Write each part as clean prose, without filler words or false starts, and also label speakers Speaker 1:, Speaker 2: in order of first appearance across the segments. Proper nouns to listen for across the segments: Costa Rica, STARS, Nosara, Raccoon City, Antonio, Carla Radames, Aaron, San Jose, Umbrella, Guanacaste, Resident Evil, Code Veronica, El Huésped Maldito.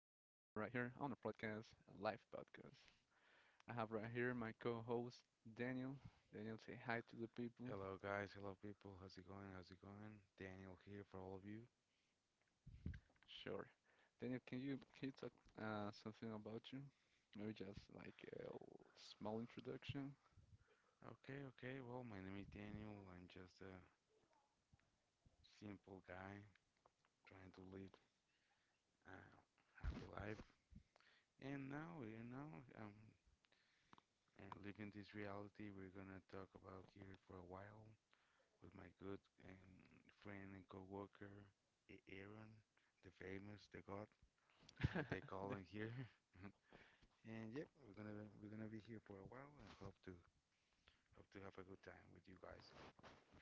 Speaker 1: here on our podcast, live podcast. I have right here my co-host Daniel. Daniel, say hi to the people.
Speaker 2: Hello, guys. Hello, people. How's it going? How's it going? Daniel here for all of you.
Speaker 1: Sure. Daniel, can you talk something about you? Maybe just like a small introduction.
Speaker 2: Okay, okay. Well, my name is Daniel. I'm just a simple guy trying to live a happy life. And now, living this reality, we're gonna talk about here for a while with my good friend and coworker, Aaron, the famous, the God, like they call him here. And yep, we're gonna be here for a while and hope to have a good time with you guys.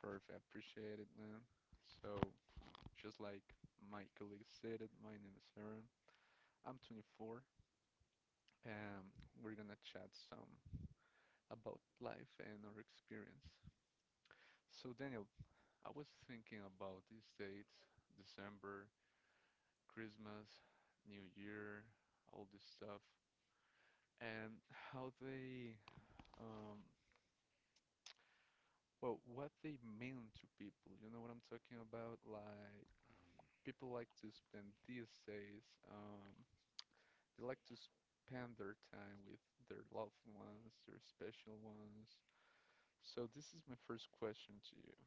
Speaker 1: Perfect. I appreciate it, man. So just like my colleague said it, my name is Aaron. I'm 24, and we're gonna chat some about life and our experience. So Daniel, I was thinking about these dates, December, Christmas, New Year, all this stuff, and how they, um, what they mean to people. You know what I'm talking about? Like, people like to spend these days, they like to spend their time with their loved ones, their special ones. So this is my first question to you.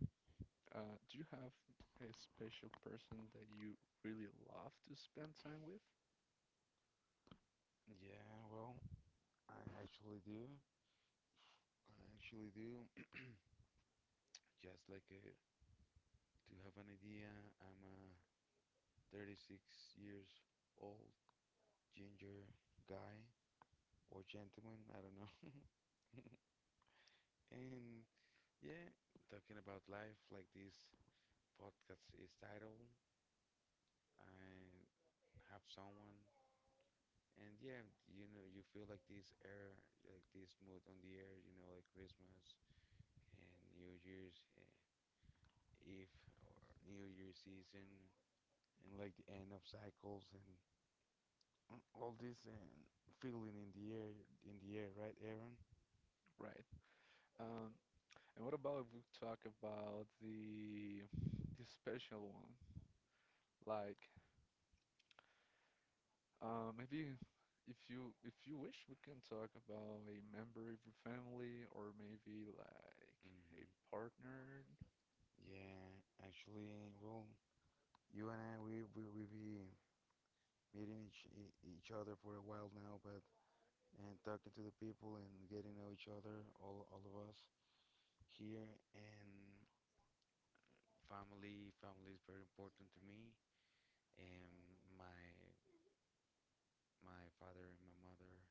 Speaker 1: Do you have a special person that you really love to spend time with?
Speaker 2: Yeah, well, I actually do. I actually do. Just like to have an idea, I'm a 36 years old ginger guy or gentleman, I don't know. And yeah, talking about life, like this podcast is titled, I have someone, and yeah, you feel like this air, like this mood on the air, like Christmas and New Year's Eve or New Year's season and like the end of cycles and all this feeling in the air, right, Aaron?
Speaker 1: Right. Um, and what about if we talk about the special one? Like, maybe if you wish, we can talk about a member of your family or maybe like a
Speaker 2: Mm-hmm.
Speaker 1: partnered
Speaker 2: Yeah, actually, well, you and I, we be meeting each other for a while now, but and talking to the people and getting to know each other, all of us here, and family, family is very important to me, and my father and my mother,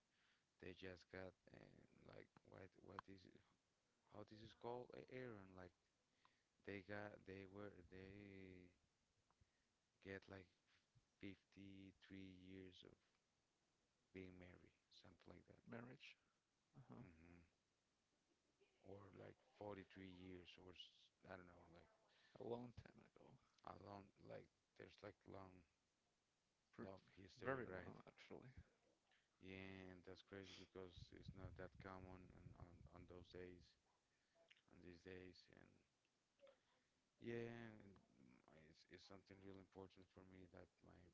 Speaker 2: they just got like what is, how this is called, a Aaron, like they got they were they get like 53 years of being married, something like that.
Speaker 1: marriage. Uh-huh.
Speaker 2: hmm or like 43 years, or I don't know, like
Speaker 1: A long time ago.
Speaker 2: a long, like there's like long
Speaker 1: Pre-
Speaker 2: love history,
Speaker 1: Very long,
Speaker 2: right?
Speaker 1: actually.
Speaker 2: Yeah, and that's crazy because it's not that common on these days. And yeah, and it's something really important for me that my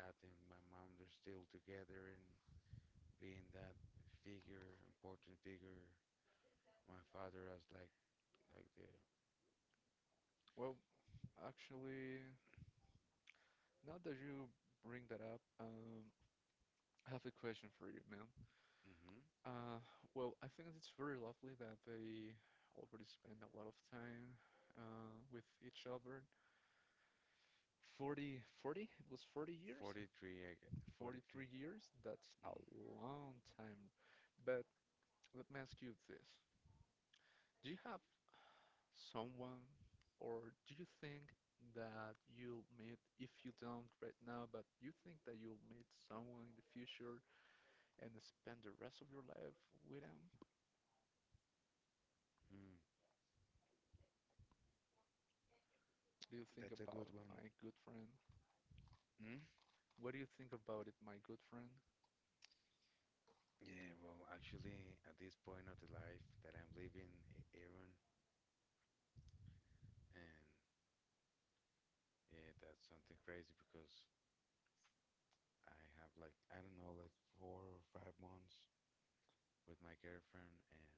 Speaker 2: dad and my mom, they're still together and being that figure, important figure. My father has like the
Speaker 1: Well, actually, now that you bring that up, I have a question for you, man.
Speaker 2: mm-hmm.
Speaker 1: Uh, well, I think it's very lovely that they already spend a lot of time with each other. Forty? It was 40 years?
Speaker 2: 43, I gue-
Speaker 1: 43
Speaker 2: 43.
Speaker 1: years? That's a long time. But let me ask you this. Do you have someone, or do you think that you'll meet, if you don't right now, but you think that you'll meet someone in the future and spend the rest of your life with them?
Speaker 2: Mm-hmm.
Speaker 1: What do you think
Speaker 2: That's a
Speaker 1: about
Speaker 2: good one.
Speaker 1: my good friend?
Speaker 2: Mm?
Speaker 1: What do you think about it, my good friend?
Speaker 2: Yeah, well, actually, at this point of the life that I'm living, Aaron, and yeah, that's something crazy because I have like, I don't know, like 4 or 5 months with my girlfriend, and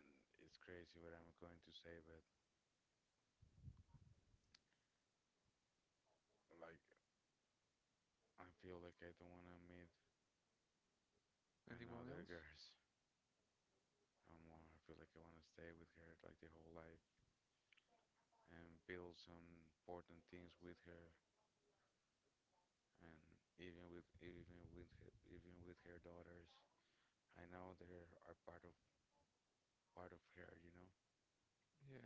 Speaker 2: and it's crazy what I'm going to say, but like I feel like I don't want to meet
Speaker 1: Anyone
Speaker 2: another
Speaker 1: else?
Speaker 2: girls no more. I feel like I want to stay with her like the whole life and build some important things with her, and even with her, even with her daughters. I know they are part of her.
Speaker 1: Yeah.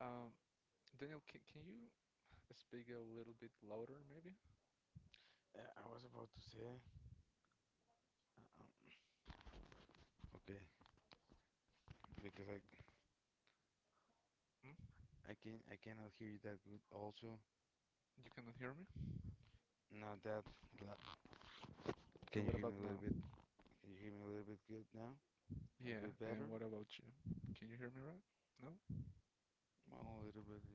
Speaker 1: Um, Daniel, can you speak a little bit louder, maybe?
Speaker 2: I was about to say, um, okay, because I
Speaker 1: Hmm?
Speaker 2: I can I cannot hear you that good. Also,
Speaker 1: You cannot hear me?
Speaker 2: not that. la-
Speaker 1: And
Speaker 2: Can
Speaker 1: what
Speaker 2: you
Speaker 1: about
Speaker 2: hear me a
Speaker 1: now?
Speaker 2: little bit? Can you hear me a little bit good now? A little
Speaker 1: Yeah,
Speaker 2: bit
Speaker 1: and
Speaker 2: better?
Speaker 1: what about you? Can you hear me right? No?
Speaker 2: Well, a little bit,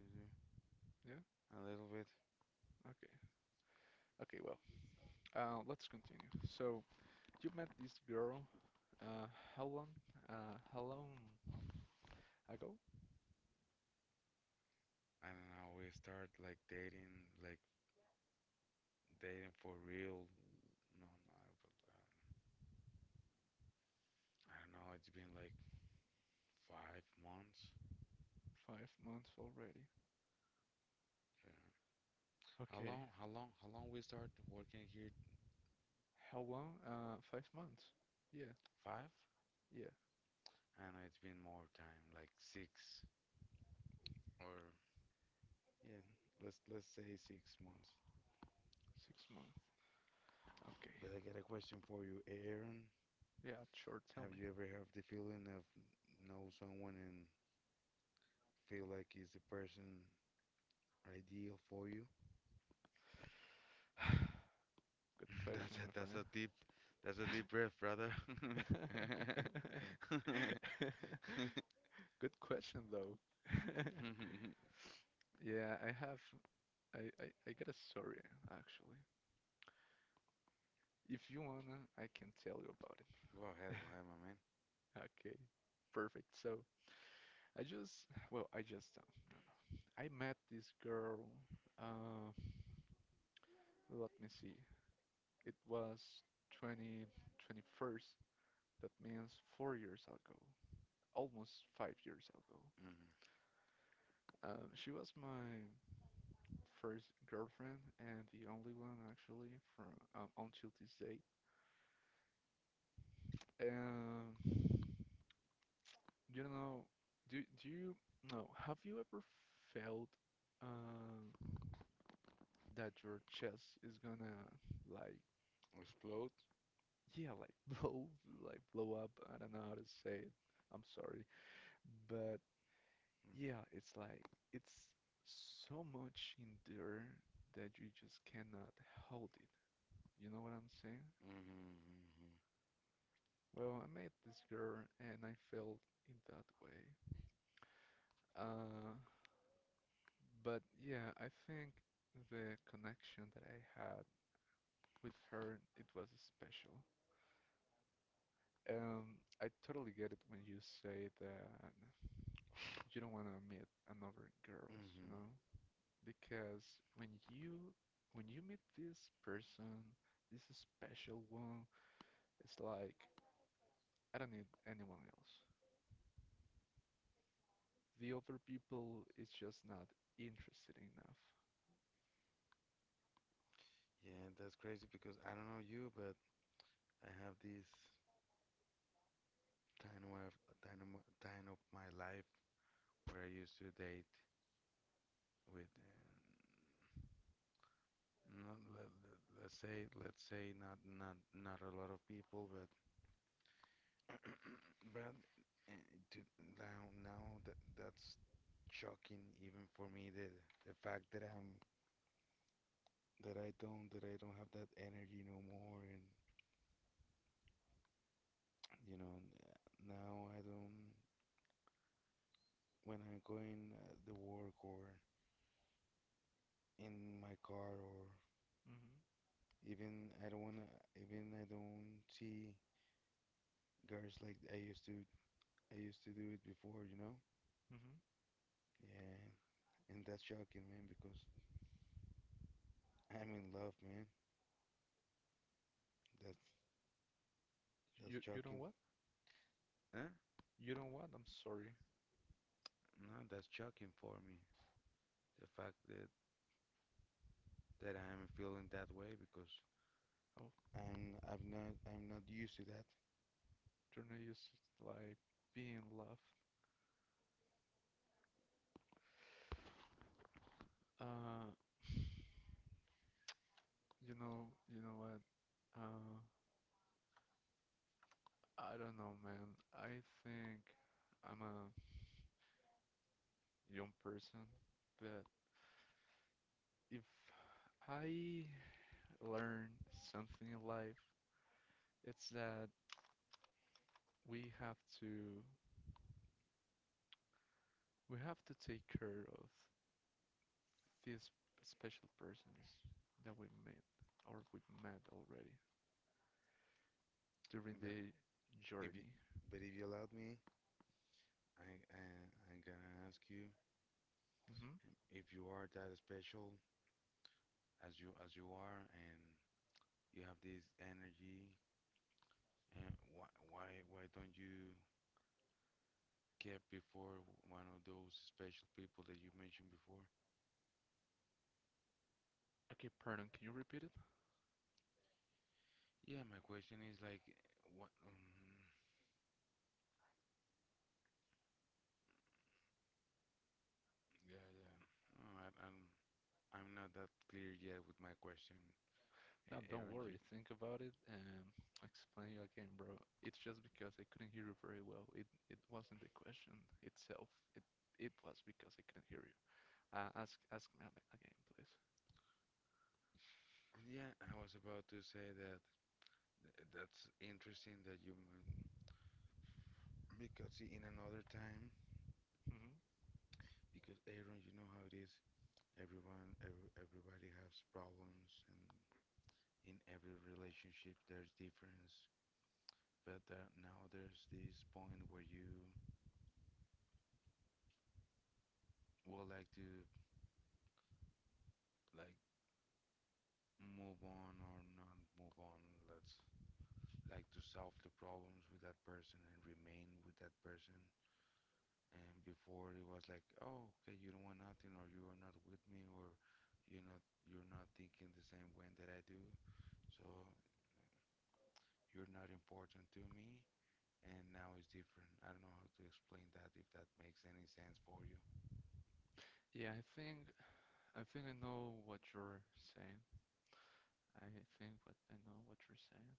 Speaker 1: Yeah?
Speaker 2: a little bit.
Speaker 1: Okay. Okay, well, let's continue. So, you met this girl, uh, how long, uh, how long ago?
Speaker 2: I don't know. We start like dating for real. No, no, but I don't know. It's been like 5 months.
Speaker 1: 5 months already.
Speaker 2: Yeah. How
Speaker 1: Okay.
Speaker 2: long? How long? How long we start working here?
Speaker 1: How long? 5 months. Yeah,
Speaker 2: Five?
Speaker 1: yeah,
Speaker 2: And it's been more time, like six, or yeah, let's say 6 months.
Speaker 1: 6 months. Okay.
Speaker 2: But I got a question for you, Aaron.
Speaker 1: Yeah, sure, tell me.
Speaker 2: Have you ever had the feeling of know someone and feel like is the person ideal for you?
Speaker 1: Good question,
Speaker 2: That's a,
Speaker 1: my friend.
Speaker 2: that's a deep that's a deep breath, brother. Go
Speaker 1: Good question, though. Yeah, I have. I got a story, actually. If you wanna, I can tell you about it.
Speaker 2: go ahead, my man.
Speaker 1: Okay, perfect. So, I just. Well, I just. No, no. I met this girl. Uh, let me see. It was 2021. That means 4 years ago. Almost 5 years ago.
Speaker 2: Hmm.
Speaker 1: She was my first girlfriend and the only one actually from until this date. Um, you know, do do you know? Have you ever felt uh, that your chest is gonna like
Speaker 2: Explode.
Speaker 1: yeah like blow blow up? I don't know how to say it. I'm sorry, but yeah, it's like it's so much in there that you just cannot hold it. You know what I'm saying?
Speaker 2: Mm-hmm.
Speaker 1: Well, I met this girl and I felt in that way. Uh, but yeah, I think the connection that I had with her, it was special. I totally get it when you say that you don't want to meet another girls, you
Speaker 2: Hmm.
Speaker 1: know? Because when you meet this person, this special one, it's like I don't need anyone else. The other people is just not interested enough.
Speaker 2: Yeah, that's crazy because I don't know you, but I have this time of time of my life where I used to date with not let's say not a lot of people, but but uh, to now, now that that's shocking even for me. The fact that I'm that I don't have that energy no more, and you know n- now I don't, when I'm going at the work or in my car or
Speaker 1: hmm
Speaker 2: even I don't wanna even I don't see girls like I used to do it before, you know?
Speaker 1: hmm
Speaker 2: Yeah, and that's shocking, man, because I'm in love, man. That's that's
Speaker 1: You you know
Speaker 2: shocking.
Speaker 1: what?
Speaker 2: Huh?
Speaker 1: You know what? I'm sorry.
Speaker 2: No, that's shocking for me. The fact that I'm feeling that way because
Speaker 1: Oh,
Speaker 2: I'm not used to that.
Speaker 1: Journey is like being love. Uh, you know what? Uh, I don't know, man. I think I'm a young person, but if I learn something in life, it's that we have to we have to take care of these special persons that we met or we met already during
Speaker 2: But
Speaker 1: the
Speaker 2: if you
Speaker 1: journey.
Speaker 2: but if you allowed me, I, I I'm gonna ask you
Speaker 1: hmm
Speaker 2: if you are that special as you are and you have this energy. And why don't you get before one of those special people that you mentioned before?
Speaker 1: Okay, pardon, can you repeat it?
Speaker 2: Yeah, my question is like what yeah, yeah. No, I'm not that clear yet with my question,
Speaker 1: No, don't
Speaker 2: Aaron.
Speaker 1: worry. Think about it and I'll explain you again, bro. It's just because I couldn't hear you very well. It wasn't the question itself. It it was because I couldn't hear you. Ask me again, please.
Speaker 2: Yeah, I was about to say that that's interesting that because in another time,
Speaker 1: hmm
Speaker 2: because Aaron, you know how it is. Everybody has problems, and in every relationship there's difference. But now there's this point where you would like to like move on or not move on. Let's to solve the problems with that person and remain with that person. And before it was like, oh, okay, you don't want nothing, or you are not with me, or you're not thinking the same way that I do, so you're not important to me. And now it's different. I don't know how to explain that, if that makes any sense for you.
Speaker 1: Yeah, I think I think I know what you're saying. I think what I know what you're saying.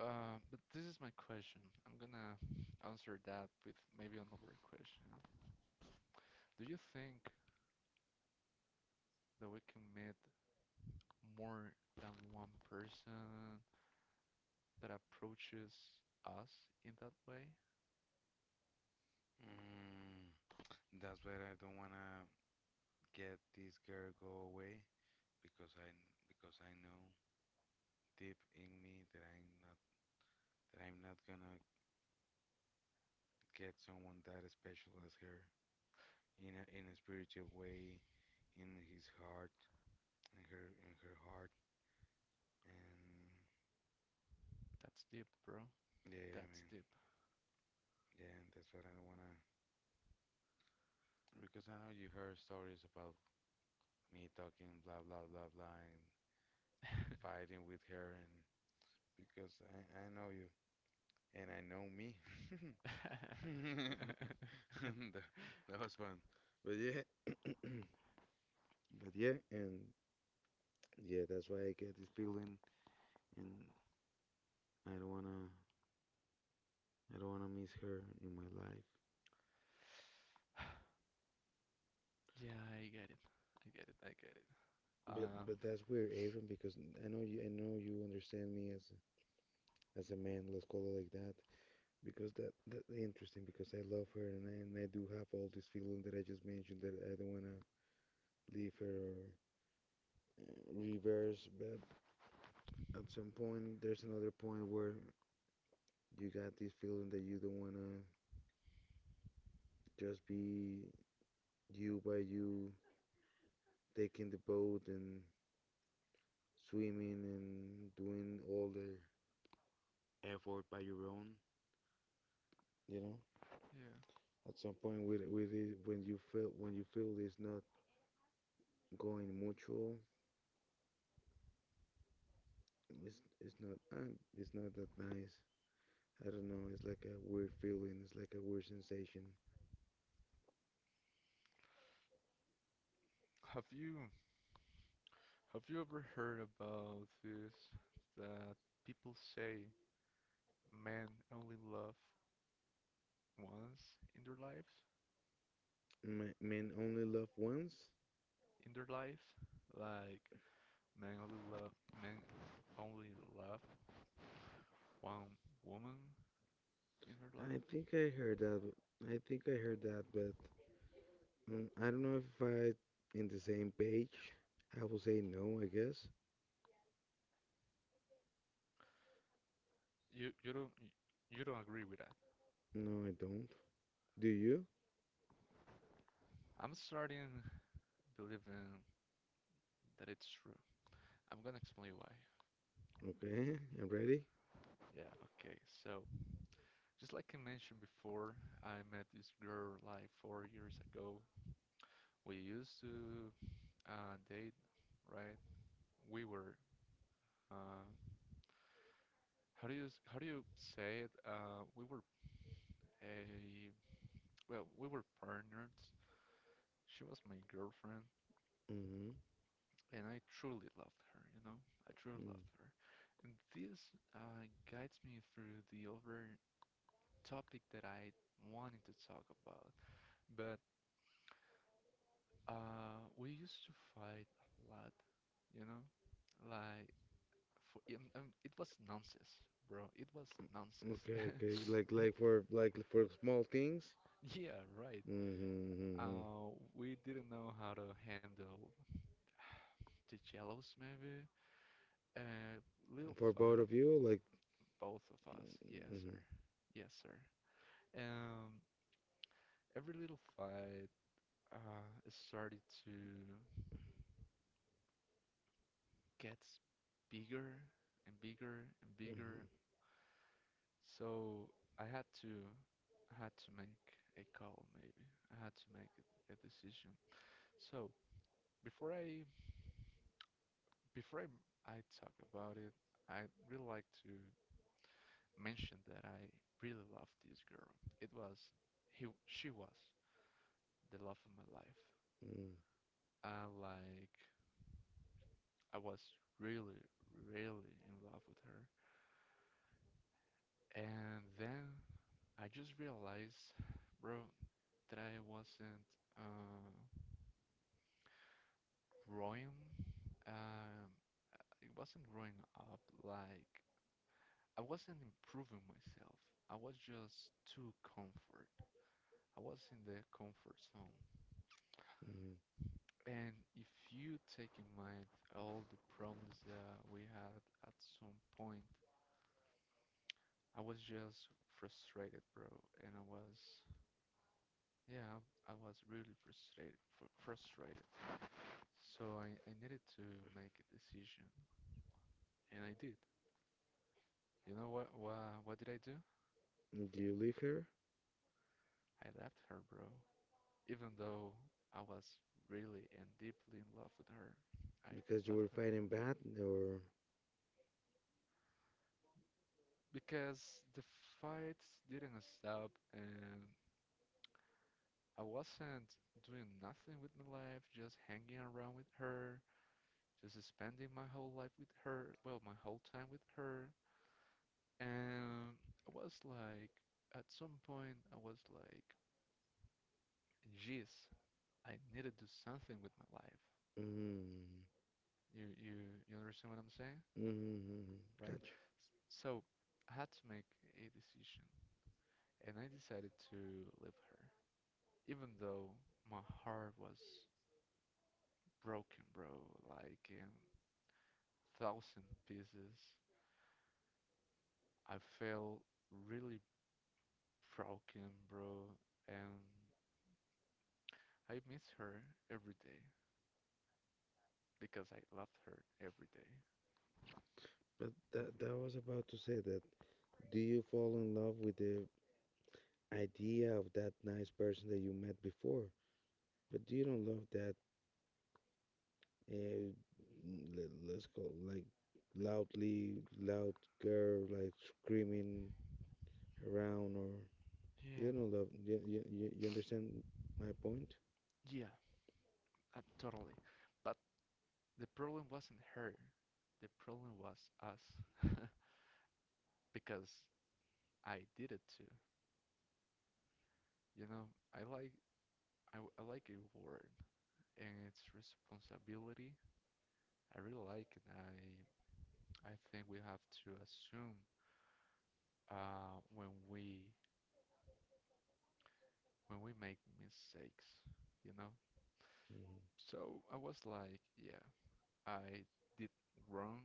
Speaker 1: But this is my question. I'm gonna answer that with maybe another question. Do you think that we can meet more than one person that approaches us in that way.
Speaker 2: Mm, That's why I don't wanna get this girl go away, because I because I know deep in me that I'm not gonna get someone that special as her, in a in a spiritual way, in his heart, in her heart, and
Speaker 1: That's deep, bro.
Speaker 2: yeah,
Speaker 1: That's
Speaker 2: man,
Speaker 1: deep.
Speaker 2: yeah, that's what I wanna. Because I know you heard stories about me talking blah blah blah blah, and fighting with her, and because I know you and I know me. And that was fun, but yeah, but yeah, and yeah, that's why I get this feeling, and I don't wanna I don't wanna miss her in my life.
Speaker 1: Yeah, I get it. I get it. I get it.
Speaker 2: But
Speaker 1: Uh,
Speaker 2: but that's weird, Abram, because I know you understand me as as a man, let's call it like that. Because that's interesting because I love her, and and I do have all this feeling that I just mentioned, that I don't wanna leave her or reverse, but at some point there's another point where you got this feeling that you don't wanna just be you by you, taking the boat and swimming and doing all the effort by your own, you know?
Speaker 1: yeah.
Speaker 2: At some point, with it, when you feel it's not going mutual. it's it's not uh, it's not that nice. I don't know, it's like a weird feeling, it's like a weird sensation.
Speaker 1: Have you have you ever heard about this that people say men only love once in their lives?
Speaker 2: Men only love once.
Speaker 1: In their lives? Like men only love men only love one woman in their
Speaker 2: i
Speaker 1: life.
Speaker 2: think i heard that I think I heard that, but I don't know if I in the same page I will say no, I guess.
Speaker 1: You you don't y- you don't agree with that.
Speaker 2: No, I don't. Do you?
Speaker 1: I'm starting believing that it's true. I'm gonna explain why.
Speaker 2: Okay. I'm ready.
Speaker 1: Yeah, okay. So, just like I mentioned before, I met this girl like 4 years ago. We used to date, right? We were uh, how do you say it? Uh, a we were partners. She was my girlfriend,
Speaker 2: Mm-hmm.
Speaker 1: and I truly loved her, you know? I truly
Speaker 2: Mm.
Speaker 1: loved her. And this uh, guides me through the other topic that I wanted to talk about. But we used to fight a lot, you know? Like, it was nonsense, bro. It was nonsense.
Speaker 2: Okay, okay, like
Speaker 1: Eh,
Speaker 2: like for like for small things.
Speaker 1: Yeah, right.
Speaker 2: Mm-hmm, mm-hmm. Mm-hmm.
Speaker 1: We didn't know how to handle the jellos, maybe. Uh, little
Speaker 2: For both
Speaker 1: fight,
Speaker 2: of you, like,
Speaker 1: both of us. Yes, sir.
Speaker 2: mm-hmm,
Speaker 1: Yes, sir. Um, every little fight started to get bigger and bigger and
Speaker 2: mm-hmm,
Speaker 1: bigger. So I had to I had to make a call maybe. I had to make a decision. So before I before I talk about it, I'd really like to mention that I really loved this girl. It was he she was the love of my life.
Speaker 2: mm-hmm.
Speaker 1: I like I was really, really in love with her. And then I just realized, bro, that I wasn't uh, growing. Um, it wasn't growing up like I wasn't improving myself. I was just too comfort. I was in the comfort zone. And if you take in mind all the problems that we had at some point, I was just frustrated, bro, and I was really frustrated, fr frustrated. So I needed to make a decision, and I did. You know what did I do?
Speaker 2: Do you leave her
Speaker 1: I left her, bro. Even though I was really and deeply in love with her, I
Speaker 2: because you
Speaker 1: left
Speaker 2: were
Speaker 1: her
Speaker 2: fighting bad, or?
Speaker 1: because the fight didn't stop, and I wasn't doing nothing with my life, just hanging around with her, just spending my whole life with her, well, my whole time with her. And I was like, at some point, I was like, geez, I need to do something with my life.
Speaker 2: Mm-hmm,
Speaker 1: You, you, you understand what I'm saying,
Speaker 2: mm-hmm, mm-hmm.
Speaker 1: right?
Speaker 2: Gotcha.
Speaker 1: So I had to make a decision, and I decided to leave her, even though my heart was broken, bro, like in thousand pieces. I felt really broken, bro, and I miss her every day. Because I loved her every day.
Speaker 2: But that was about to say that. Do you fall in love with the idea of that nice person that you met before, but you don't love that? Uh, let's go, like, loud girl, like screaming around, or. You
Speaker 1: Yeah,
Speaker 2: know, love. You understand my point?
Speaker 1: yeah, totally. But the problem wasn't her. The problem was us, because I did it too. You know, I like I like a word and its responsibility. I really like it. I think we have to assume when we make mistakes, you know?
Speaker 2: Hmm.
Speaker 1: So I was like, yeah, I did wrong.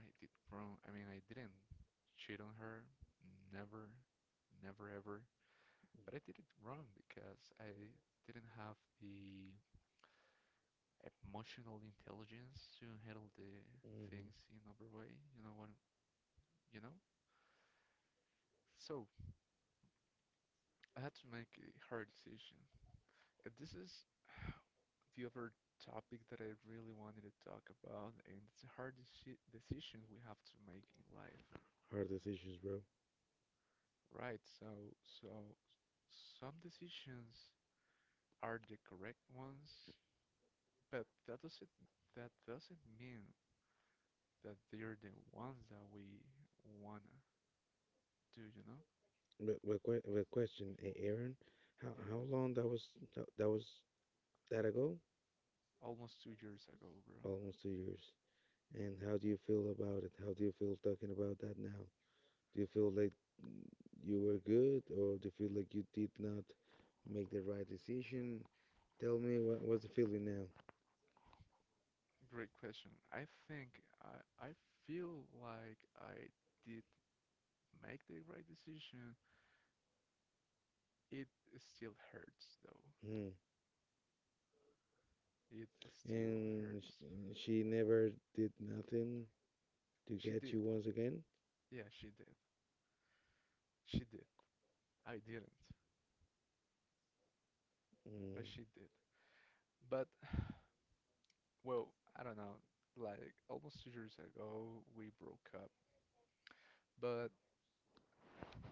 Speaker 1: I did wrong. I mean, I didn't cheat on her, never, never ever. But I did it wrong because I didn't have the emotional intelligence to handle the
Speaker 2: Hmm.
Speaker 1: things in other way. You know what? You know. So I had to make a hard decision. This is the other topic that I really wanted to talk about, and it's a hard decisions we have to make in life,
Speaker 2: Hard decisions, bro.
Speaker 1: right? So, some decisions are the correct ones, but that doesn't mean that they're the ones that we wanna do, you know?
Speaker 2: But question, Aaron, how
Speaker 1: Yeah,
Speaker 2: how long that was that ago?
Speaker 1: almost 2 years ago, bro.
Speaker 2: Almost 2 years. And how do you feel about it? How do you feel talking about that now? Do you feel like mm, you were good, or do you feel like you did not make the right decision? Tell me what's the feeling now?
Speaker 1: Great question. I think I feel like I did make the right decision. It still hurts though.
Speaker 2: Mm.
Speaker 1: It still
Speaker 2: And
Speaker 1: hurts.
Speaker 2: she never did nothing to
Speaker 1: She
Speaker 2: get
Speaker 1: did.
Speaker 2: you once again.
Speaker 1: Yeah, she did. She did. I didn't, but
Speaker 2: Mm,
Speaker 1: she did. But well, I don't know, like almost 2 years ago we broke up, but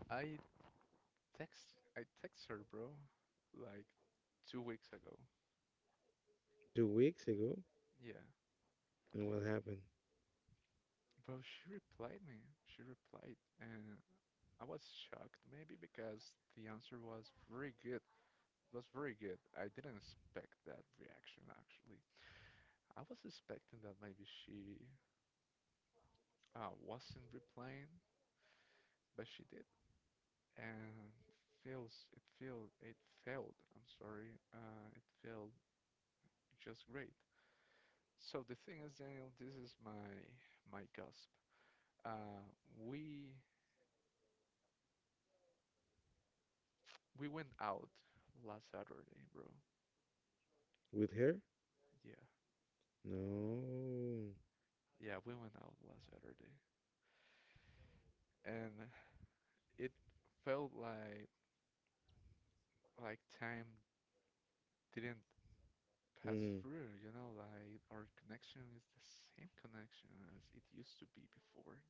Speaker 1: I I text her, bro, like 2 weeks ago.
Speaker 2: 2 weeks ago.
Speaker 1: Yeah.
Speaker 2: And what happened?
Speaker 1: Bro, she replied me. She replied, and I was shocked maybe because the answer was very good. It was very good. I didn't expect that reaction actually. I was expecting that maybe she wasn't replying, but she did. And feels it feel it failed. I'm sorry, it failed just great. So the thing is, Daniel, this is my gasp. Uh, we we went out last Saturday, bro.
Speaker 2: With her?
Speaker 1: Yeah,
Speaker 2: No.
Speaker 1: yeah, we went out last Saturday, and it felt like time didn't pass
Speaker 2: Mm.
Speaker 1: through. You know, like our connection is the same connection as it used to be before.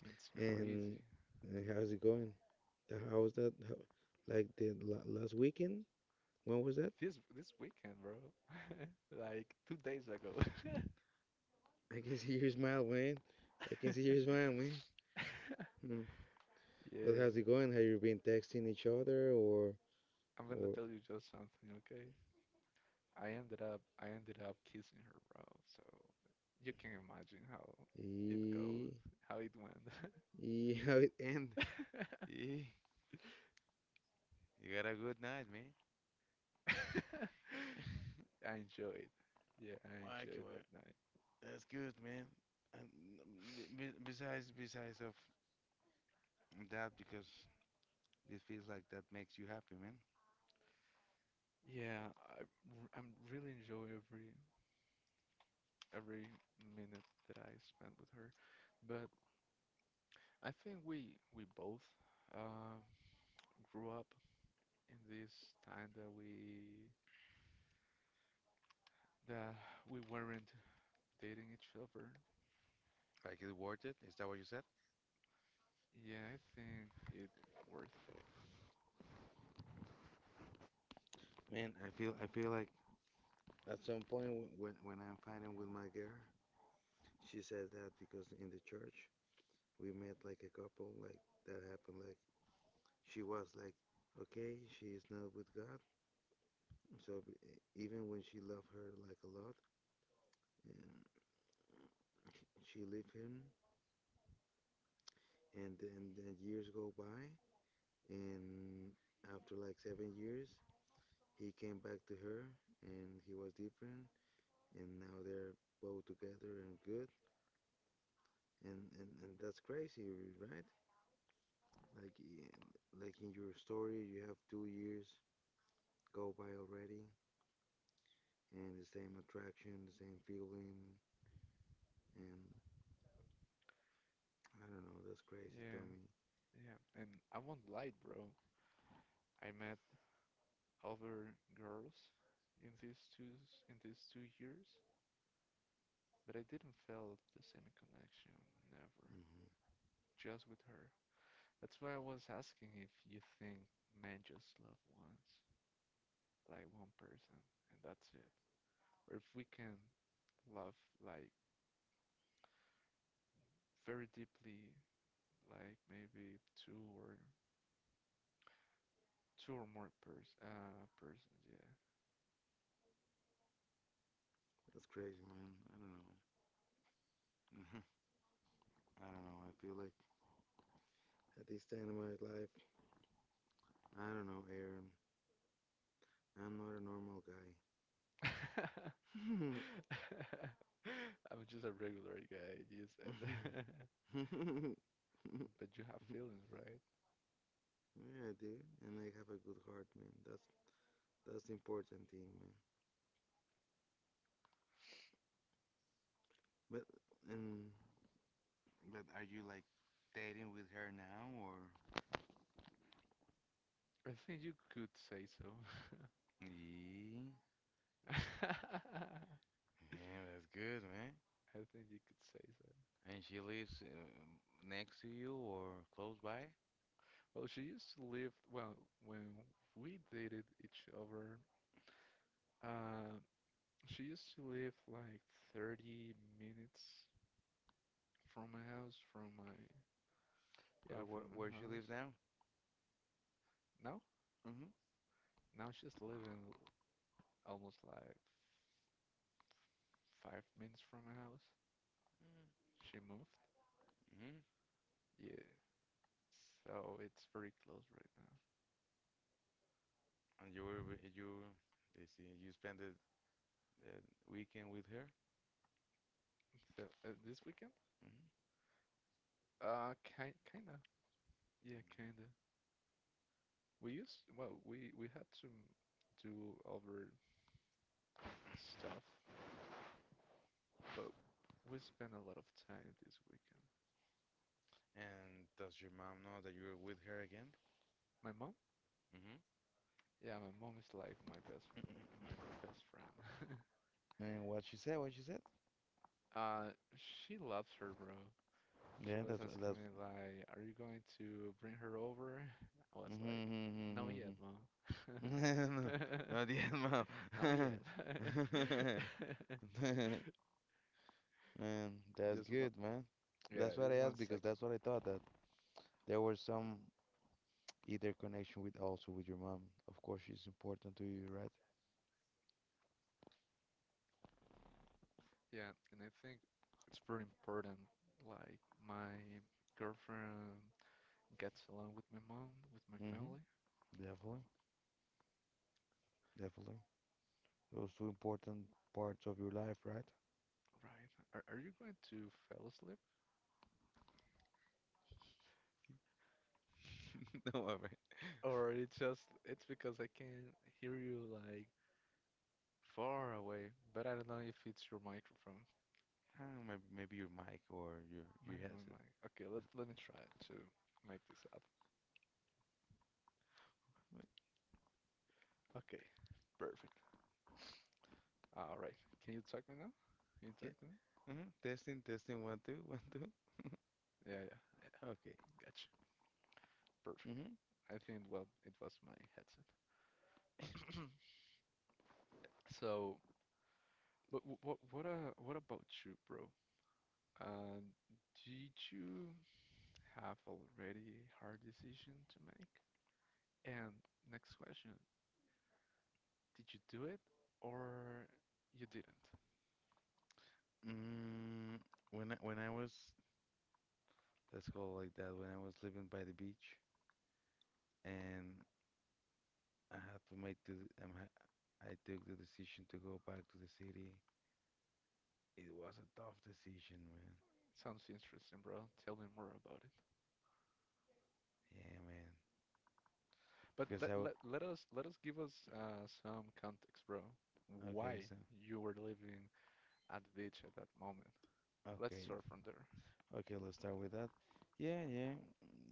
Speaker 1: And it's
Speaker 2: And,
Speaker 1: crazy.
Speaker 2: and how's it going? How was that? How, like the last weekend? When was that?
Speaker 1: This weekend, bro. Like 2 days ago.
Speaker 2: I can see your smile, man. I can see your smile, man. Mm. But
Speaker 1: Yeah.
Speaker 2: how's it going? Have you been texting each other,
Speaker 1: I'm gonna
Speaker 2: or
Speaker 1: tell you just something, okay? I ended up kissing her, bro. So you can imagine how it
Speaker 2: e
Speaker 1: goes, how it went.
Speaker 2: e how it end? Eh, you got a good night, man.
Speaker 1: I enjoyed. Yeah, I
Speaker 2: Like,
Speaker 1: enjoyed that night.
Speaker 2: that's good, man. And um, besides of that, because it feels like that makes you happy, man.
Speaker 1: Yeah, I'm really enjoy every minute that I spent with her. But I think we both uh, grew up in this time that we weren't dating each other.
Speaker 2: Like, it's worth it. Is that what you said?
Speaker 1: Yeah, I think it worth it.
Speaker 2: Man, I feel like at some point when I'm fighting with my girl, she said that because in the church we met like a couple like that happened like she was like okay she is not with God so b- even when she loved her like a lot, um, she left him and then years go by and after like 7 years he came back to her and he was different and now they're both together and good and and that's crazy, right? Like like in your story you have 2 years go by already and the same attraction, the same feeling, and I don't know, that's crazy,
Speaker 1: Yeah,
Speaker 2: Tommy.
Speaker 1: yeah. And I won't lie, bro. I met other girls in in these 2 years, but I didn't feel the same connection. Never.
Speaker 2: Hmm.
Speaker 1: Just with her. That's why I was asking if you think men just love once, like one person, and that's it. Or if we can love like very deeply, like maybe two or more persons, yeah.
Speaker 2: That's crazy, man, I don't know. I don't know, I feel like at this time of my life, I don't know, Aaron, I'm not a normal guy.
Speaker 1: I'm just a regular guy, you said. But you have feelings, right?
Speaker 2: Yeah dude, and I have a good heart man, that's the important thing, man. But and but are you like dating with her now or?
Speaker 1: I think you could say so.
Speaker 2: Yeah,
Speaker 1: I
Speaker 2: yeah, that's good, man.
Speaker 1: think you could say so.
Speaker 2: And she lives next to you or close by?
Speaker 1: Well, she used to live, well, when we dated each other, uh, she used to live like 30 minutes from my house, from my yeah, from my
Speaker 2: Where she
Speaker 1: house.
Speaker 2: lives now?
Speaker 1: Now,
Speaker 2: Mhm.
Speaker 1: Now she's living almost like 5 minutes from my house. She moved.
Speaker 2: Mm-hmm.
Speaker 1: Yeah, so it's very close right now.
Speaker 2: And you were you they see you spent the weekend with her?
Speaker 1: So this weekend,
Speaker 2: Hmm.
Speaker 1: kinda, yeah, kinda. We used well, we had to do other stuff, but we spent a lot of time this weekend.
Speaker 2: And does your mom know that you're with her again?
Speaker 1: My mom,
Speaker 2: Mm-hmm.
Speaker 1: yeah, my mom is like my best friend.
Speaker 2: And what she said.
Speaker 1: Uh, she loves her, bro. She
Speaker 2: Yeah,
Speaker 1: was
Speaker 2: that's what
Speaker 1: asking
Speaker 2: that's.
Speaker 1: me like, "Are you going to bring her over?" I was like, "No yet,
Speaker 2: Mm-hmm,
Speaker 1: mom."
Speaker 2: no, no diezmo.
Speaker 1: No yet.
Speaker 2: Man, that's
Speaker 1: Just one,
Speaker 2: good, man.
Speaker 1: yeah,
Speaker 2: That's what I
Speaker 1: just one
Speaker 2: asked, because
Speaker 1: second.
Speaker 2: that's what I thought, that there was some either connection with also with your mom. Of course, she's important to you, right?
Speaker 1: Yeah, and I think it's very important. Like my girlfriend gets along with my mom, with my
Speaker 2: Mm-hmm.
Speaker 1: family.
Speaker 2: Definitely, definitely. Those two important parts of your life, right?
Speaker 1: Right. Are you going to fall asleep?
Speaker 2: No, all right.
Speaker 1: Or it's just it's because I can hear you like far away, but I don't know if it's your microphone.
Speaker 2: Maybe, maybe your mic or your headset.
Speaker 1: My. Okay,
Speaker 2: Let's
Speaker 1: let me try to make this up.
Speaker 2: wait.
Speaker 1: Okay, perfect. All right. Can you talk me now? Can you
Speaker 2: Yeah.
Speaker 1: talk to me?
Speaker 2: Mhm. Testing, testing. One, two, one, two.
Speaker 1: Yeah, yeah, yeah.
Speaker 2: Okay.
Speaker 1: Gotcha. Perfect.
Speaker 2: Mm-hmm.
Speaker 1: I think well, it was my headset. So, but what about you, bro? Uh, did you have already a hard decision to make? And next question, did you do it or you didn't?
Speaker 2: Mm, when I was, let's call it like that, when I was living by the beach and I had to make the um, I, I took the decision to go back to the city. It was a tough decision, man.
Speaker 1: Sounds interesting, bro. Tell me more about.
Speaker 2: Yeah, man.
Speaker 1: But
Speaker 2: Because I w
Speaker 1: let us give us some context, bro.
Speaker 2: okay,
Speaker 1: Why
Speaker 2: so
Speaker 1: you were living at the beach at that moment? Let's
Speaker 2: okay,
Speaker 1: start from there.
Speaker 2: okay, let's start with that. Yeah, yeah,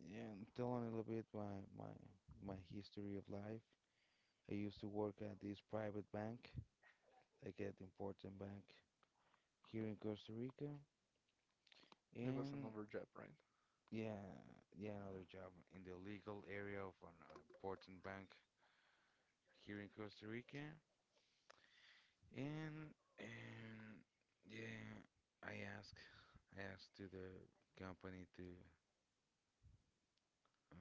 Speaker 2: yeah. And telling a little bit my my history of life. I used to work at this private bank, like at important bank here in Costa Rica,
Speaker 1: It was
Speaker 2: and
Speaker 1: another job, right?
Speaker 2: yeah, yeah, another job in the legal area of an important bank here in Costa Rica. And yeah, I ask I asked to the company to um,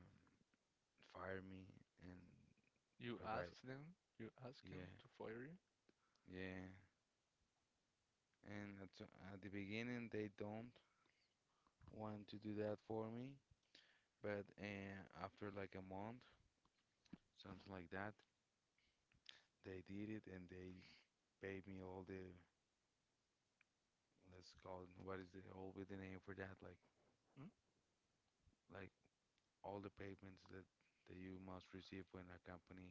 Speaker 2: fire me and
Speaker 1: You
Speaker 2: provide
Speaker 1: asked them, you asked
Speaker 2: yeah,
Speaker 1: him to fire you.
Speaker 2: yeah. And at, at the beginning they don't want to do that for me, but after like a month, something like that, they did it and they paid me all the, let's call it, what is the, what would be the name for that?
Speaker 1: Hmm?
Speaker 2: Like all the payments that you must receive when a company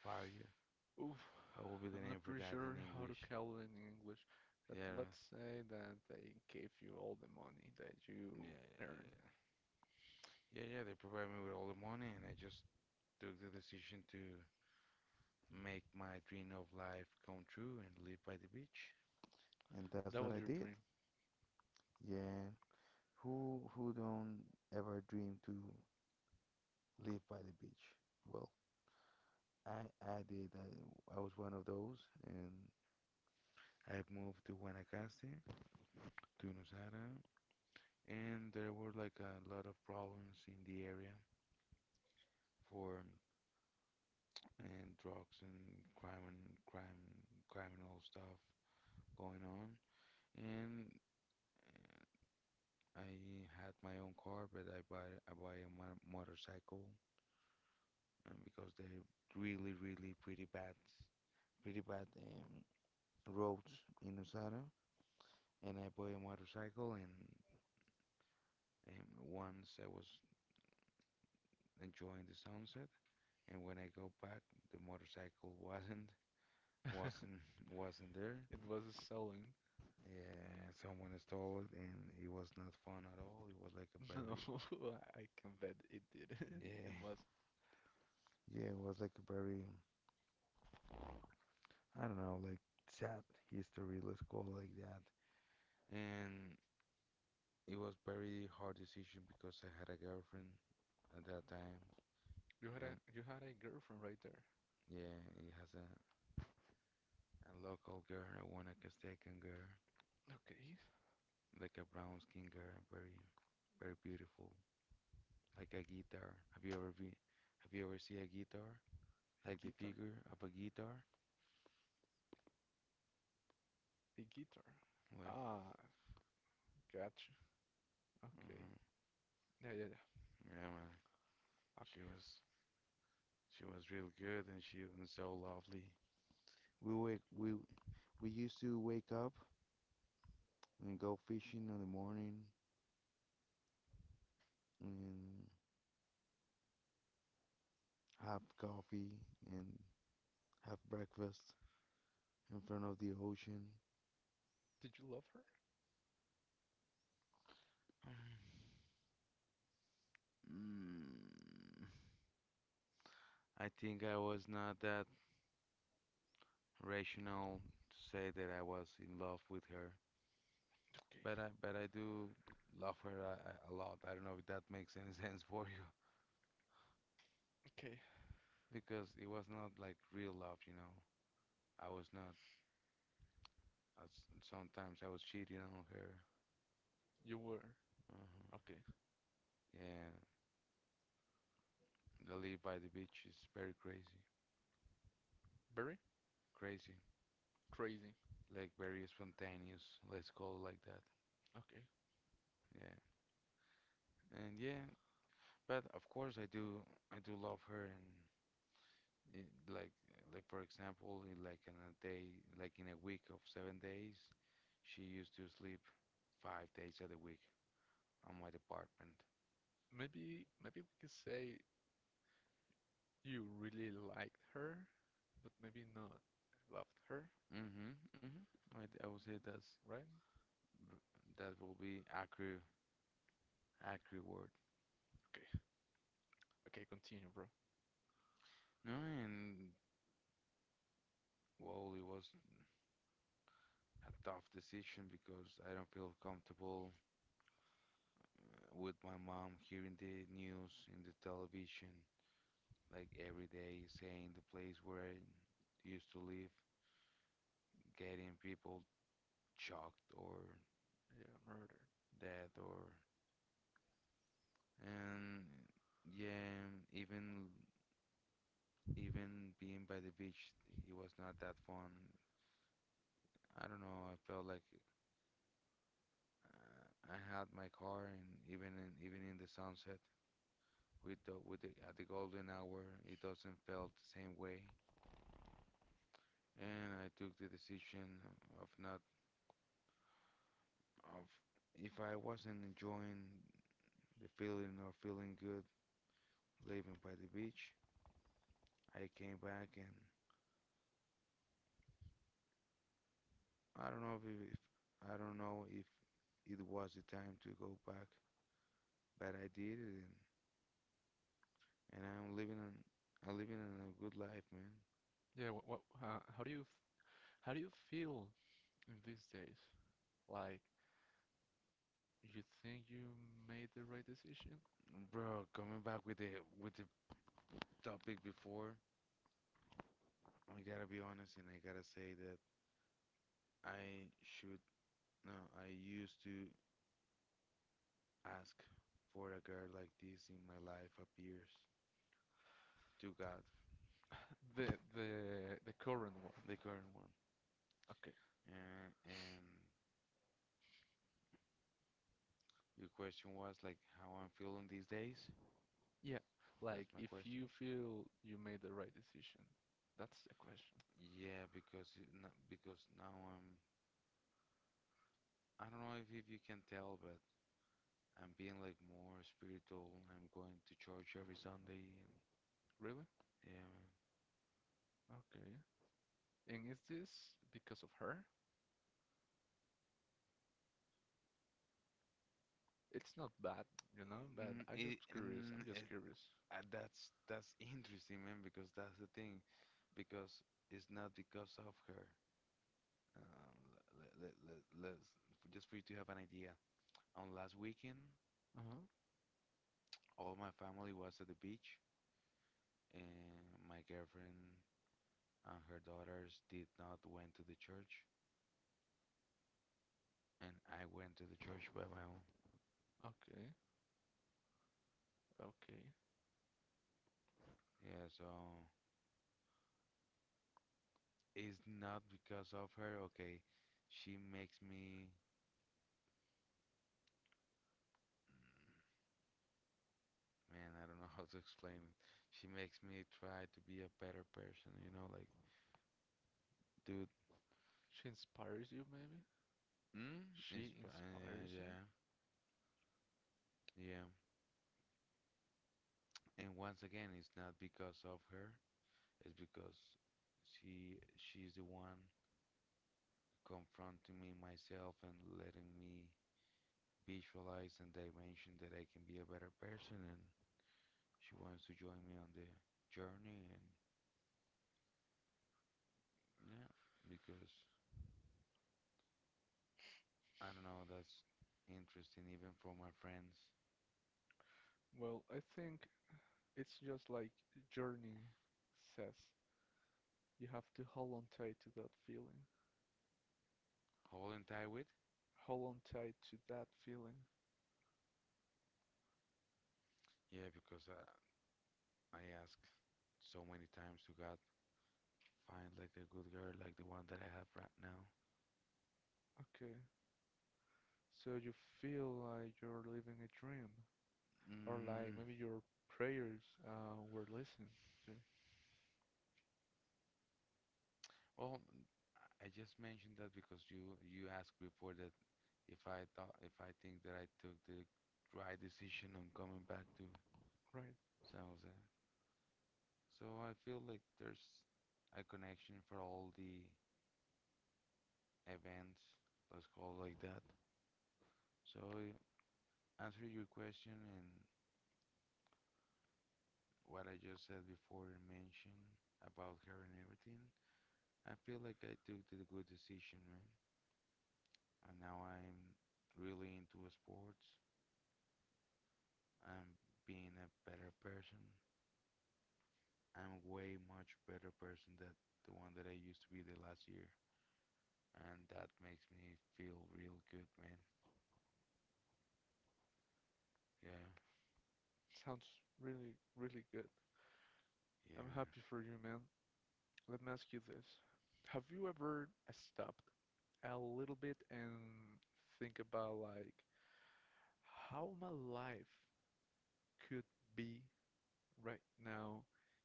Speaker 2: fire you.
Speaker 1: Oof,
Speaker 2: What will be the
Speaker 1: I'm
Speaker 2: name
Speaker 1: not
Speaker 2: for
Speaker 1: pretty
Speaker 2: that in
Speaker 1: sure how to
Speaker 2: English?
Speaker 1: call it in English, but
Speaker 2: Yeah,
Speaker 1: let's say that they gave you all the money that
Speaker 2: yeah,
Speaker 1: you earned.
Speaker 2: yeah, yeah. They provide me with all the money, and I just took the decision to make my dream of life come true and live by the beach. And that's
Speaker 1: That
Speaker 2: what I
Speaker 1: was your
Speaker 2: did.
Speaker 1: dream.
Speaker 2: Yeah. Who don't ever dream to live by the beach? Well, I did. I was one of those, and I moved to Guanacaste, to Nosara, and there were like a lot of problems in the area for and drugs and crime criminal stuff going on. And I had my own car, but I buy a mo motorcycle, because they're really pretty bad pretty bad roads in Nosara. And I bought a motorcycle and once I was enjoying the sunset. And when I go back, the motorcycle wasn't wasn't there.
Speaker 1: It was a selling.
Speaker 2: Yeah, someone stole it, and it was not fun at all. It was like a
Speaker 1: No,
Speaker 2: very
Speaker 1: I can bet it didn't. It
Speaker 2: yeah,
Speaker 1: was.
Speaker 2: yeah, it was like a very, I don't know, like sad history. Let's call it like that. And it was very hard decision because I had a girlfriend at that time,
Speaker 1: You had
Speaker 2: and
Speaker 1: a girlfriend right there.
Speaker 2: yeah, it has a local girl, a Guanacastecan girl,
Speaker 1: Okay.
Speaker 2: like a brown skin girl, very very beautiful. Like a guitar. Have you ever been? Have you ever seen a guitar?
Speaker 1: A
Speaker 2: Like the
Speaker 1: guitar? A
Speaker 2: figure of a guitar?
Speaker 1: guitar.
Speaker 2: Like,
Speaker 1: Ah, gotcha. Okay.
Speaker 2: hmm,
Speaker 1: Yeah, yeah, yeah.
Speaker 2: yeah, man. She
Speaker 1: Okay.
Speaker 2: was she was real good and she was so lovely. We wake we we used to wake up and go fishing in the morning and have coffee and have breakfast in front of the ocean.
Speaker 1: Did you love her?
Speaker 2: Mm, I think I was not that rational to say that I was in love with her.
Speaker 1: Okay.
Speaker 2: But I do love her a, a lot. I don't know if that makes any sense for you
Speaker 1: Okay.
Speaker 2: because it was not like real love, you know. I was not. I s sometimes I was cheating on her.
Speaker 1: You were. Okay.
Speaker 2: uh Yeah, the live by the beach is very crazy,
Speaker 1: Very
Speaker 2: crazy,
Speaker 1: crazy.
Speaker 2: like very spontaneous. Let's call it like that.
Speaker 1: Okay.
Speaker 2: Yeah, and yeah, but of course I do. I do love her, and Eh, Like, like for example, in like in a day, like in a week of 7 days, she used to sleep 5 days of the week on my department.
Speaker 1: Maybe we could say you really liked her, but maybe not loved her,
Speaker 2: Mm-hmm, mm-hmm. I would say that's
Speaker 1: right?
Speaker 2: v- that will be accurate, accurate word.
Speaker 1: Okay. Okay, continue, bro.
Speaker 2: No, and well, it was a tough decision because I don't feel comfortable with my mom hearing the news in the television like every day saying the place where I used to live, getting people shocked or
Speaker 1: Yeah, murder.
Speaker 2: dead or and yeah, even even being by the beach, it was not that fun. I don't know. I felt like uh, I had my car, and even in even in the sunset with the at the golden hour, it doesn't felt the same way. And I took the decision of not of, if I wasn't enjoying the feeling or feeling good living by the beach, I came back and I don't know if I don't know if it was the time to go back, but I did it, and I'm living in a good life, man.
Speaker 1: Yeah, what how do how do you feel in these days? Like you think you made the right decision?
Speaker 2: Bro, coming back with the topic before, I gotta be honest and I gotta say that I should no, I used to ask for a girl like this in my life appears to God,
Speaker 1: The the the current one.
Speaker 2: the current one.
Speaker 1: Okay.
Speaker 2: And your question was like how I'm feeling these days?
Speaker 1: Yeah. Like
Speaker 2: That's my
Speaker 1: if you
Speaker 2: question.
Speaker 1: feel you made the right decision. That's the question.
Speaker 2: Yeah, because it, no- because now I'm, I don't know if you can tell, but I'm being like more spiritual. I'm going to church every Sunday, and
Speaker 1: Really?
Speaker 2: yeah, man.
Speaker 1: Okay. And is this because of her? It's not bad, you know, but
Speaker 2: Mm,
Speaker 1: I
Speaker 2: It,
Speaker 1: just curious. I'm
Speaker 2: mm,
Speaker 1: just
Speaker 2: it,
Speaker 1: curious.
Speaker 2: that's interesting, man, because that's the thing, because it's not because of her. Um, let's just for you to have an idea. On last weekend,
Speaker 1: Uh-huh.
Speaker 2: all my family was at the beach, and my girlfriend and her daughters did not went to the church and I went to the church by my own.
Speaker 1: Okay. Okay.
Speaker 2: Yeah, so it's not because of her. Okay, she makes me, mm, man, I don't know how to explain it. She makes me try to be a better person, you know, like, dude,
Speaker 1: She inspires you maybe?
Speaker 2: mm,
Speaker 1: She
Speaker 2: it's, uh,
Speaker 1: inspires
Speaker 2: yeah,
Speaker 1: you?
Speaker 2: yeah, yeah. And once again, it's not because of her. It's because she's the one confronting me myself and letting me visualize and dimension that I can be a better person and she wants to join me on the journey, and yeah, because I don't know, that's interesting even from my friends.
Speaker 1: Well, I think it's just like Journey says, you have to hold on tight to that feeling.
Speaker 2: Holding tight with?
Speaker 1: Hold on tight to that feeling.
Speaker 2: Yeah, because I ask so many times to God, find like a good girl like the one that I have right now.
Speaker 1: Okay. So you feel like you're living a dream, or like
Speaker 2: Mm,
Speaker 1: maybe your prayers were listened to.
Speaker 2: well, I just mentioned that because you asked before that if I thought if I think that I took the right decision on coming back to
Speaker 1: Right.
Speaker 2: San Jose. So I feel like there's a connection for all the events, let's call it like that. So answer your question and what I just said before and mentioned about her and everything, I feel like I took the good decision, man. And now I'm really into sports. I'm being a better person. I'm way much better person than the one that I used to be the last year. And that makes me feel real good, man. Yeah.
Speaker 1: Sounds really, really good.
Speaker 2: Yeah,
Speaker 1: I'm
Speaker 2: man.
Speaker 1: happy for you, man. Let me ask you this. Have you ever stopped a little bit and think about like how my life could be right now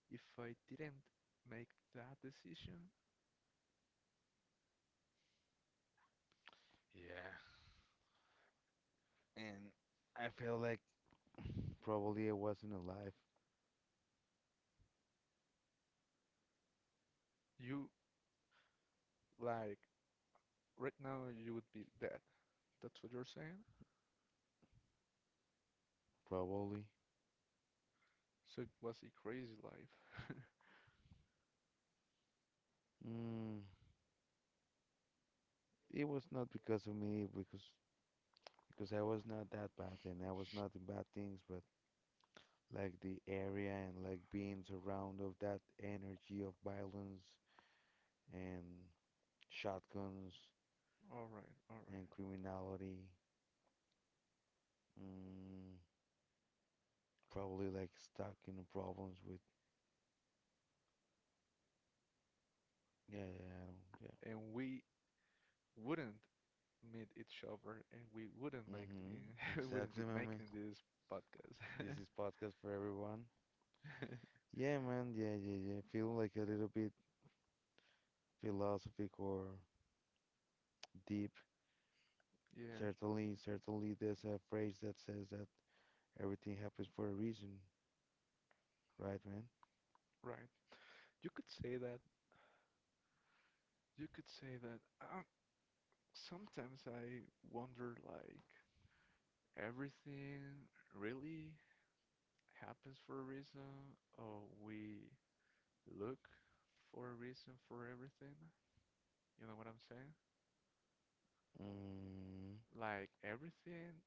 Speaker 1: if I didn't make that decision?
Speaker 2: Yeah. And I feel like probably I wasn't alive.
Speaker 1: You like right now, you would be dead. That's what you're saying?
Speaker 2: Probably.
Speaker 1: So it was a crazy life.
Speaker 2: Mm, it was not because of me, because I was not that bad, and I was not in bad things, but like the area and like being surrounded of that energy of violence and shotguns
Speaker 1: All right, all right.
Speaker 2: and criminality. Mm, probably like stuck in the problems with. Yeah, yeah, I don't,
Speaker 1: And we wouldn't meet each other, and we wouldn't
Speaker 2: yeah.
Speaker 1: make
Speaker 2: Mm-hmm.
Speaker 1: the, we wouldn't
Speaker 2: Exactly,
Speaker 1: be
Speaker 2: my man.
Speaker 1: making this podcast.
Speaker 2: This is podcast for everyone. Yeah, man. Yeah, yeah, yeah. Feel like a little bit philosophic or deep.
Speaker 1: Yeah,
Speaker 2: Certainly, certainly, there's a phrase that says that everything happens for a reason, right, man?
Speaker 1: right. You could say that. You could say that. Sometimes I wonder, like, everything really happens for a reason, or we look for a reason for everything. You know what I'm saying?
Speaker 2: Mm,
Speaker 1: Like everything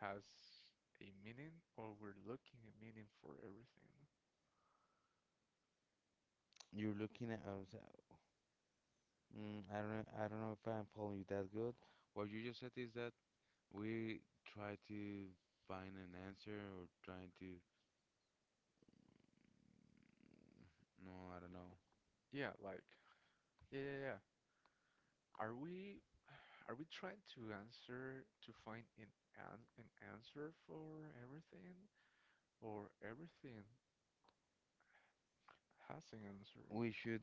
Speaker 1: has a meaning or we're looking at meaning for everything.
Speaker 2: you're looking at. Us. I don't know. I don't know if I'm following you that good. What you just said is that we try to find an answer or trying to, no, I don't know.
Speaker 1: Yeah, like yeah. Are we are we trying to answer to find an answer for everything or everything has an answer?
Speaker 2: We should.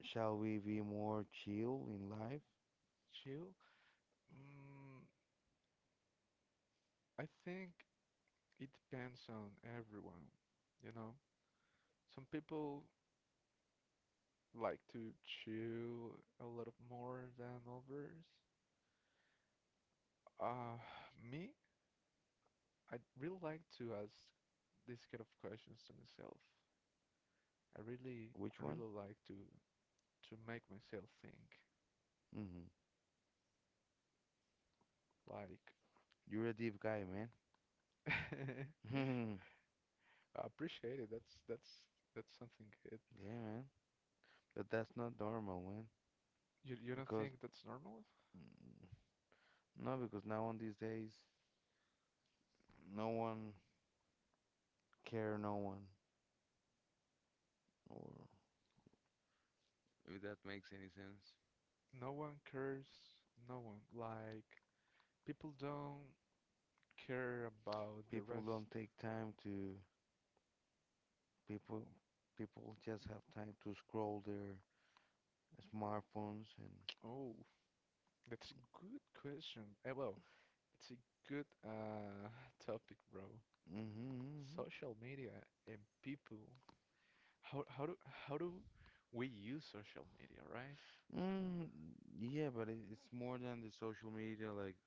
Speaker 2: Shall we be more chill in life?
Speaker 1: Chill. Mm, I think it depends on everyone, you know. Some people like to chill a lot more than others. Uh, Me, I really like to ask this kind of questions to myself. I really,
Speaker 2: Which
Speaker 1: I
Speaker 2: one?
Speaker 1: really like to make myself think.
Speaker 2: Mm-hmm.
Speaker 1: Like,
Speaker 2: You're a deep guy, man.
Speaker 1: I appreciate it. That's something good.
Speaker 2: Yeah, man. But that's not normal, man.
Speaker 1: You don't
Speaker 2: Because
Speaker 1: think that's normal?
Speaker 2: mm, no, because now on these days, no one care, no one, or if that makes any sense.
Speaker 1: No one cares. No one. Like, people don't care about the
Speaker 2: People
Speaker 1: rest.
Speaker 2: don't take time to people. People just have time to scroll their smartphones and.
Speaker 1: Oh, that's a good question. Eh, well, it's a good topic, bro.
Speaker 2: Mm-hmm, mm-hmm.
Speaker 1: Social media and people. how how do how do we use social media, right?
Speaker 2: Mm, yeah, but it's more than the social media. Like,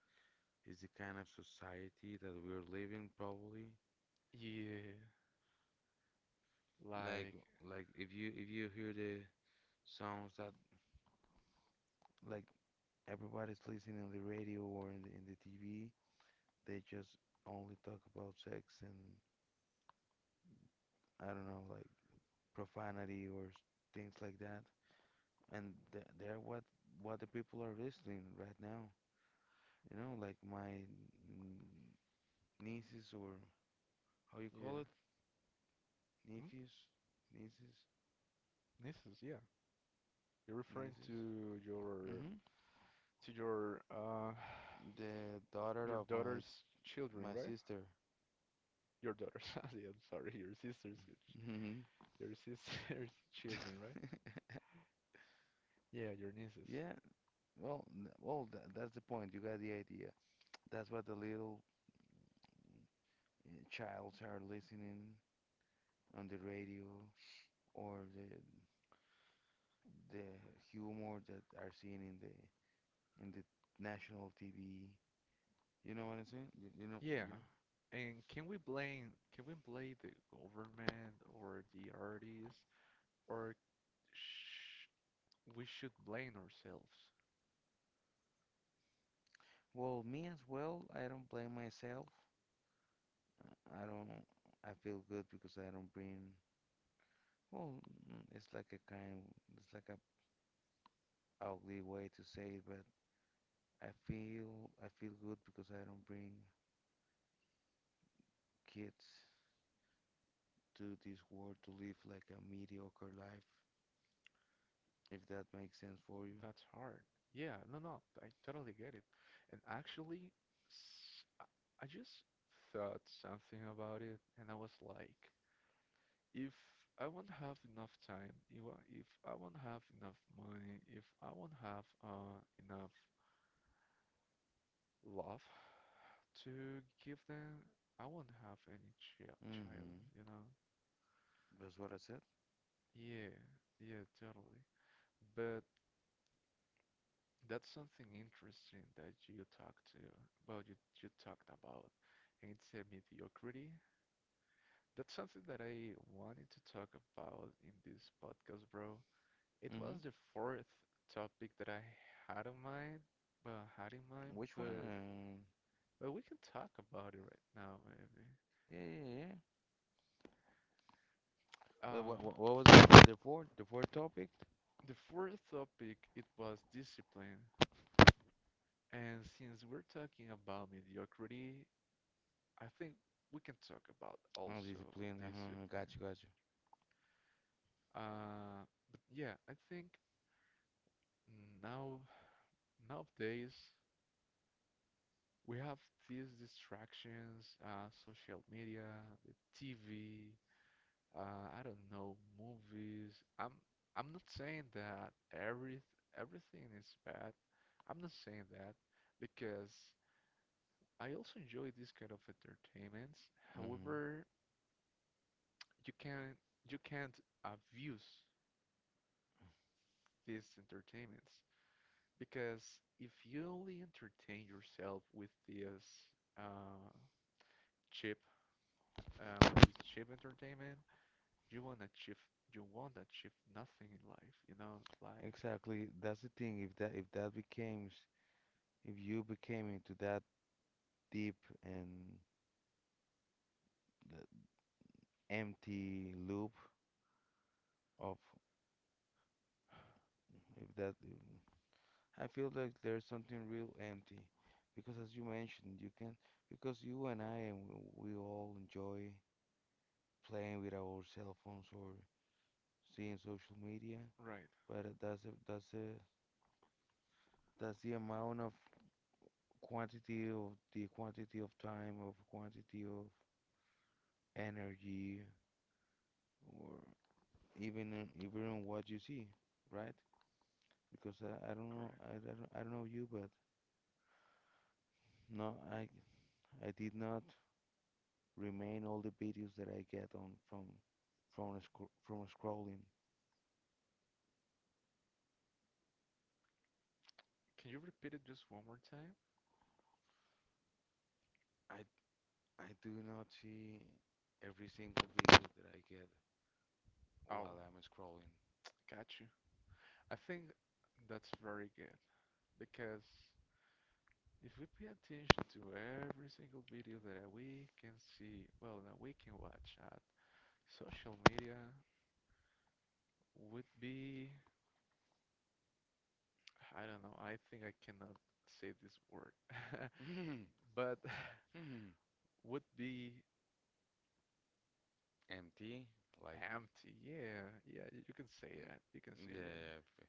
Speaker 2: it's the kind of society that we're living, probably.
Speaker 1: Yeah, like
Speaker 2: Like, like if you hear the songs that like everybody's listening on the radio or in the TV, they just only talk about sex and I don't know, like profanity or things like that. And th they're what the people are listening right now. You know, like my n- nieces or how you
Speaker 1: yeah.
Speaker 2: call it?
Speaker 1: Hmm?
Speaker 2: Nephews, nieces,
Speaker 1: This is yeah. You're referring
Speaker 2: nieces. Hmm.
Speaker 1: to your
Speaker 2: The daughter
Speaker 1: your
Speaker 2: of
Speaker 1: daughter's children,
Speaker 2: my
Speaker 1: right?
Speaker 2: sister.
Speaker 1: Your daughter's, yeah, sorry, your sister's
Speaker 2: Hmm.
Speaker 1: children, right? Yeah, your nieces.
Speaker 2: Yeah, well, that's the point. You got the idea. That's what the little childs are listening on the radio or the humor that are seen in the national TV. You know what I'm saying? You know,
Speaker 1: Yeah.
Speaker 2: you know.
Speaker 1: And can we blame the government or the artists or sh we should blame ourselves?
Speaker 2: Well, me as well. I don't blame myself. I don't. I feel good because I don't bring. Well, it's like a kind. It's like a ugly way to say it, but I feel good because I don't bring kids to this world to live like a mediocre life. If that makes sense for you.
Speaker 1: That's hard. Yeah, no, no, I totally get it. And actually, I just thought something about it, and I was like, if I won't have enough time, if I won't have enough money, if I won't have enough love to give them, I won't have any child,
Speaker 2: Mm-hmm.
Speaker 1: you know?
Speaker 2: That's what I said.
Speaker 1: Yeah, yeah, totally. But that's something interesting that you talked to, well, you talked about, and it's a mediocrity. That's something that I wanted to talk about in this podcast, bro. It was
Speaker 2: Mm-hmm.
Speaker 1: the fourth topic that I had in mind, well, had in mind,
Speaker 2: Which one?
Speaker 1: but we can talk about it right now, maybe.
Speaker 2: Yeah, yeah, yeah. But
Speaker 1: Uh,
Speaker 2: what was it? The fourth topic?
Speaker 1: the fourth topic, it was discipline. And since we're talking about mediocrity, I think we can talk about
Speaker 2: Oh,
Speaker 1: also
Speaker 2: discipline. Uh-huh, uh-huh. Got
Speaker 1: discipline.
Speaker 2: you, got you.
Speaker 1: Uh, but yeah, I think now nowadays we have these distractions, social media, the TV, I don't know, movies. I'm not saying that everything is bad. I'm not saying that because I also enjoy this kind of entertainments.
Speaker 2: Mm-hmm.
Speaker 1: However, you can you can't abuse these entertainments. Because if you only entertain yourself with this uh, cheap, with this cheap entertainment, you won't achieve, you won't achieve nothing in life. You know, like
Speaker 2: Exactly. That's the thing. If that becomes, if you became into that deep and the empty loop of, if that, I feel like there's something real empty, because as you mentioned, you can, because you and I and we all enjoy playing with our cell phones or seeing social media,
Speaker 1: right,
Speaker 2: but that's the amount of quantity of the quantity of time of quantity of energy or even in what you see, right? Because I don't know
Speaker 1: correct.
Speaker 2: I don't know you, but no, I did not remain all the videos that I get on from a scrolling.
Speaker 1: Can you repeat it just one more time?
Speaker 2: I I do not see every single video that I get
Speaker 1: Oh,
Speaker 2: while I'm scrolling.
Speaker 1: got you. I think that's very good because if we pay attention to every single video that we can see, well, that we can watch at social media would be. I don't know. I think I cannot say this word. But would be
Speaker 2: Empty, like,
Speaker 1: empty. Yeah, yeah, you can say
Speaker 2: mm,
Speaker 1: that. You can say
Speaker 2: yeah,
Speaker 1: that.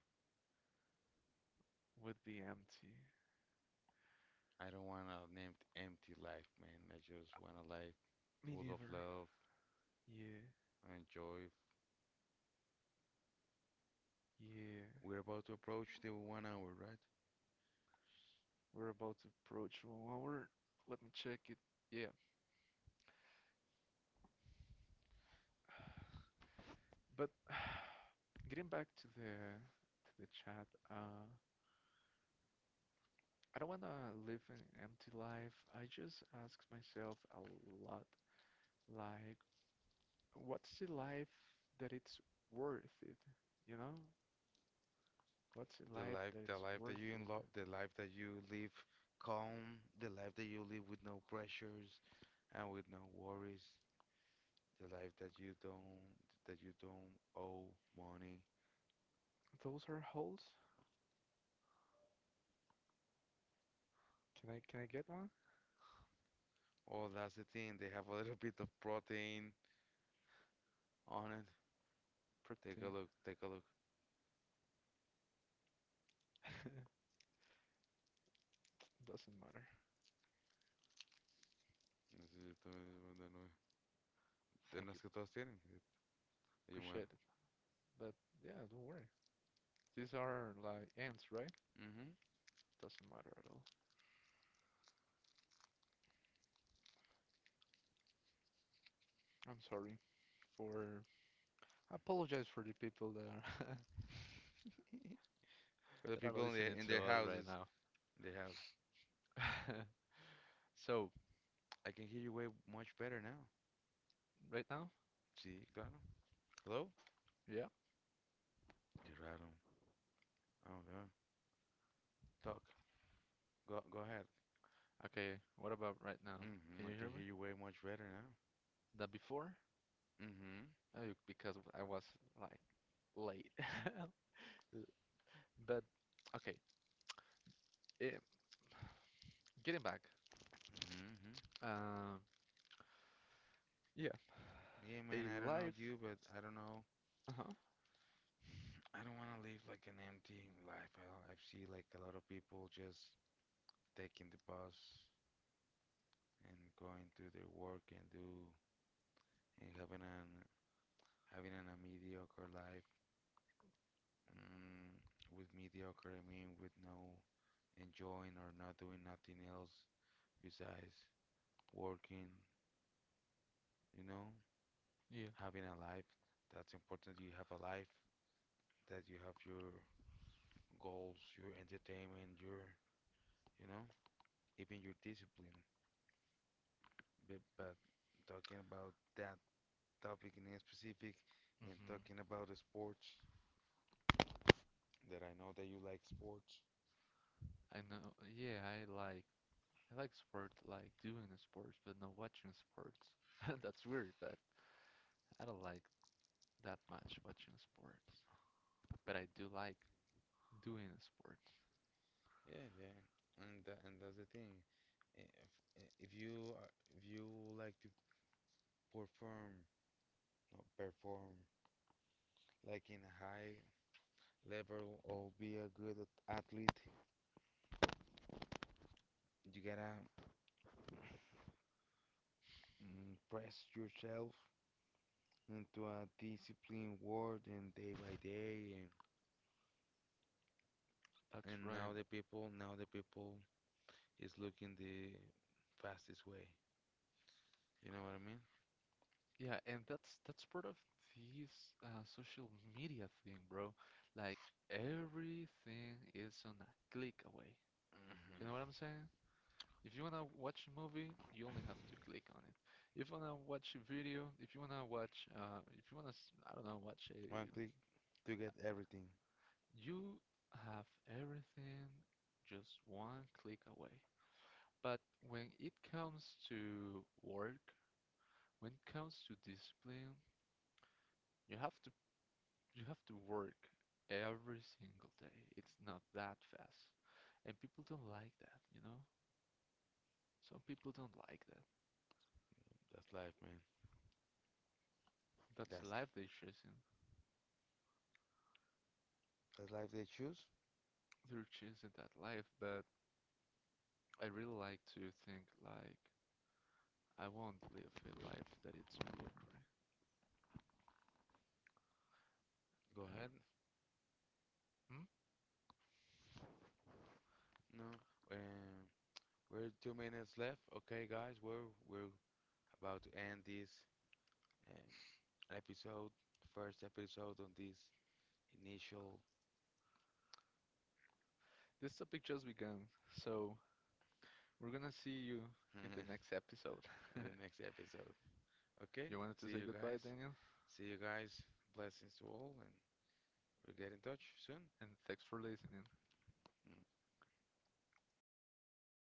Speaker 1: Would be empty.
Speaker 2: I don't want an empty life, man. I just want a life
Speaker 1: Me
Speaker 2: full of
Speaker 1: neither.
Speaker 2: love
Speaker 1: Yeah,
Speaker 2: and joy.
Speaker 1: yeah.
Speaker 2: We're about to approach the 1 hour, right?
Speaker 1: We're about to approach one hour. Let me check it. Yeah. But getting back to the chat, I don't wanna live an empty life. I just ask myself a lot, like, what's the life that it's worth it? You know, what's the life that
Speaker 2: The
Speaker 1: it's
Speaker 2: life that
Speaker 1: worth
Speaker 2: you
Speaker 1: it?
Speaker 2: unlock, the life that you live calm, the life that you live with no pressures and with no worries, the life that you don't owe money.
Speaker 1: Those are holes. Can I get one?
Speaker 2: Oh, that's the thing. They have a little bit of protein on it.
Speaker 1: Pretty
Speaker 2: Take a look.
Speaker 1: doesn't matter.
Speaker 2: Así yo también digo, de nuevo. De
Speaker 1: Thank
Speaker 2: las
Speaker 1: you,
Speaker 2: que todos tienen. Yo muevo.
Speaker 1: appreciate it. But yeah, don't worry. These are like ants, right?
Speaker 2: Mhm.
Speaker 1: Doesn't matter at all. I'm sorry for. I apologize for the people that are
Speaker 2: For the
Speaker 1: that are
Speaker 2: people
Speaker 1: listening
Speaker 2: in
Speaker 1: to
Speaker 2: their
Speaker 1: us right
Speaker 2: houses,
Speaker 1: now.
Speaker 2: in their houses.
Speaker 1: So
Speaker 2: I can hear you way much better now.
Speaker 1: right now,
Speaker 2: Sí, claro. Hello?
Speaker 1: yeah.
Speaker 2: Qué raro. Oh god. Talk. Go ahead.
Speaker 1: Okay, what about right now?
Speaker 2: Mhm.
Speaker 1: Can
Speaker 2: I
Speaker 1: you hear
Speaker 2: can
Speaker 1: me?
Speaker 2: hear you way much better now.
Speaker 1: That before?
Speaker 2: Mhm.
Speaker 1: Oh, because I was like late. But okay, eh, getting back.
Speaker 2: Mhm.
Speaker 1: Um, yeah,
Speaker 2: Yeah, man.
Speaker 1: a
Speaker 2: I don't know
Speaker 1: life.
Speaker 2: you, but I don't know.
Speaker 1: Uh-huh.
Speaker 2: I don't want to live like an empty life. I see like a lot of people just taking the bus and going to their work and do and having an, a mediocre life. Mm, with mediocre, I mean with no enjoying or not doing nothing else besides working. You know,
Speaker 1: Yeah.
Speaker 2: having a life that's important. You have a life that you have your goals, your entertainment, your you know, even your discipline. But talking about that topic in specific, and talking
Speaker 1: hmm
Speaker 2: about the sports, that I know that you like sports.
Speaker 1: I know. Yeah, I like sports, like doing the sports, but not watching sports. That's weird, but I don't like that much watching sports. But I do like doing sports.
Speaker 2: Yeah, yeah, and tha and that's the thing. If, if if you would like to perform no, perform like in a high level or be a athlete, you gotta press yourself into a disciplined world and day by day
Speaker 1: That's
Speaker 2: and
Speaker 1: right.
Speaker 2: now the people is looking the fastest way. You know what I mean?
Speaker 1: Yeah, and that's part of this social media thing, bro. Like everything is on a click away. You know what I'm saying? If you wanna watch a movie, you only have to click on it. If you wanna watch a video, if you wanna watch, if you wanna, s- I don't know, watch a,
Speaker 2: One click to get everything.
Speaker 1: you have everything just one click away. But when it comes to work, when it comes to discipline, you have to you have to work every single day. It's not that fast. And people don't like that, you know? Some people don't like that.
Speaker 2: That's life, man.
Speaker 1: That's the
Speaker 2: That's
Speaker 1: life they're choosing.
Speaker 2: that's life they choose.
Speaker 1: They're choosing that life, but I really like to think like I won't live a life that it's mediocre.
Speaker 2: Go
Speaker 1: I,
Speaker 2: ahead.
Speaker 1: hmm?
Speaker 2: No. Um, we're 2 minutes left. Okay, guys, we're about to end this um, episode, first episode on this initial,
Speaker 1: This topic just began, so we're gonna see you in
Speaker 2: and
Speaker 1: the next episode.
Speaker 2: the next episode. Okay,
Speaker 1: You wanted to
Speaker 2: see
Speaker 1: say
Speaker 2: you
Speaker 1: goodbye,
Speaker 2: guys.
Speaker 1: Daniel?
Speaker 2: See you guys. Blessings to all, and we'll get in touch soon.
Speaker 1: And thanks for listening.
Speaker 2: Mm.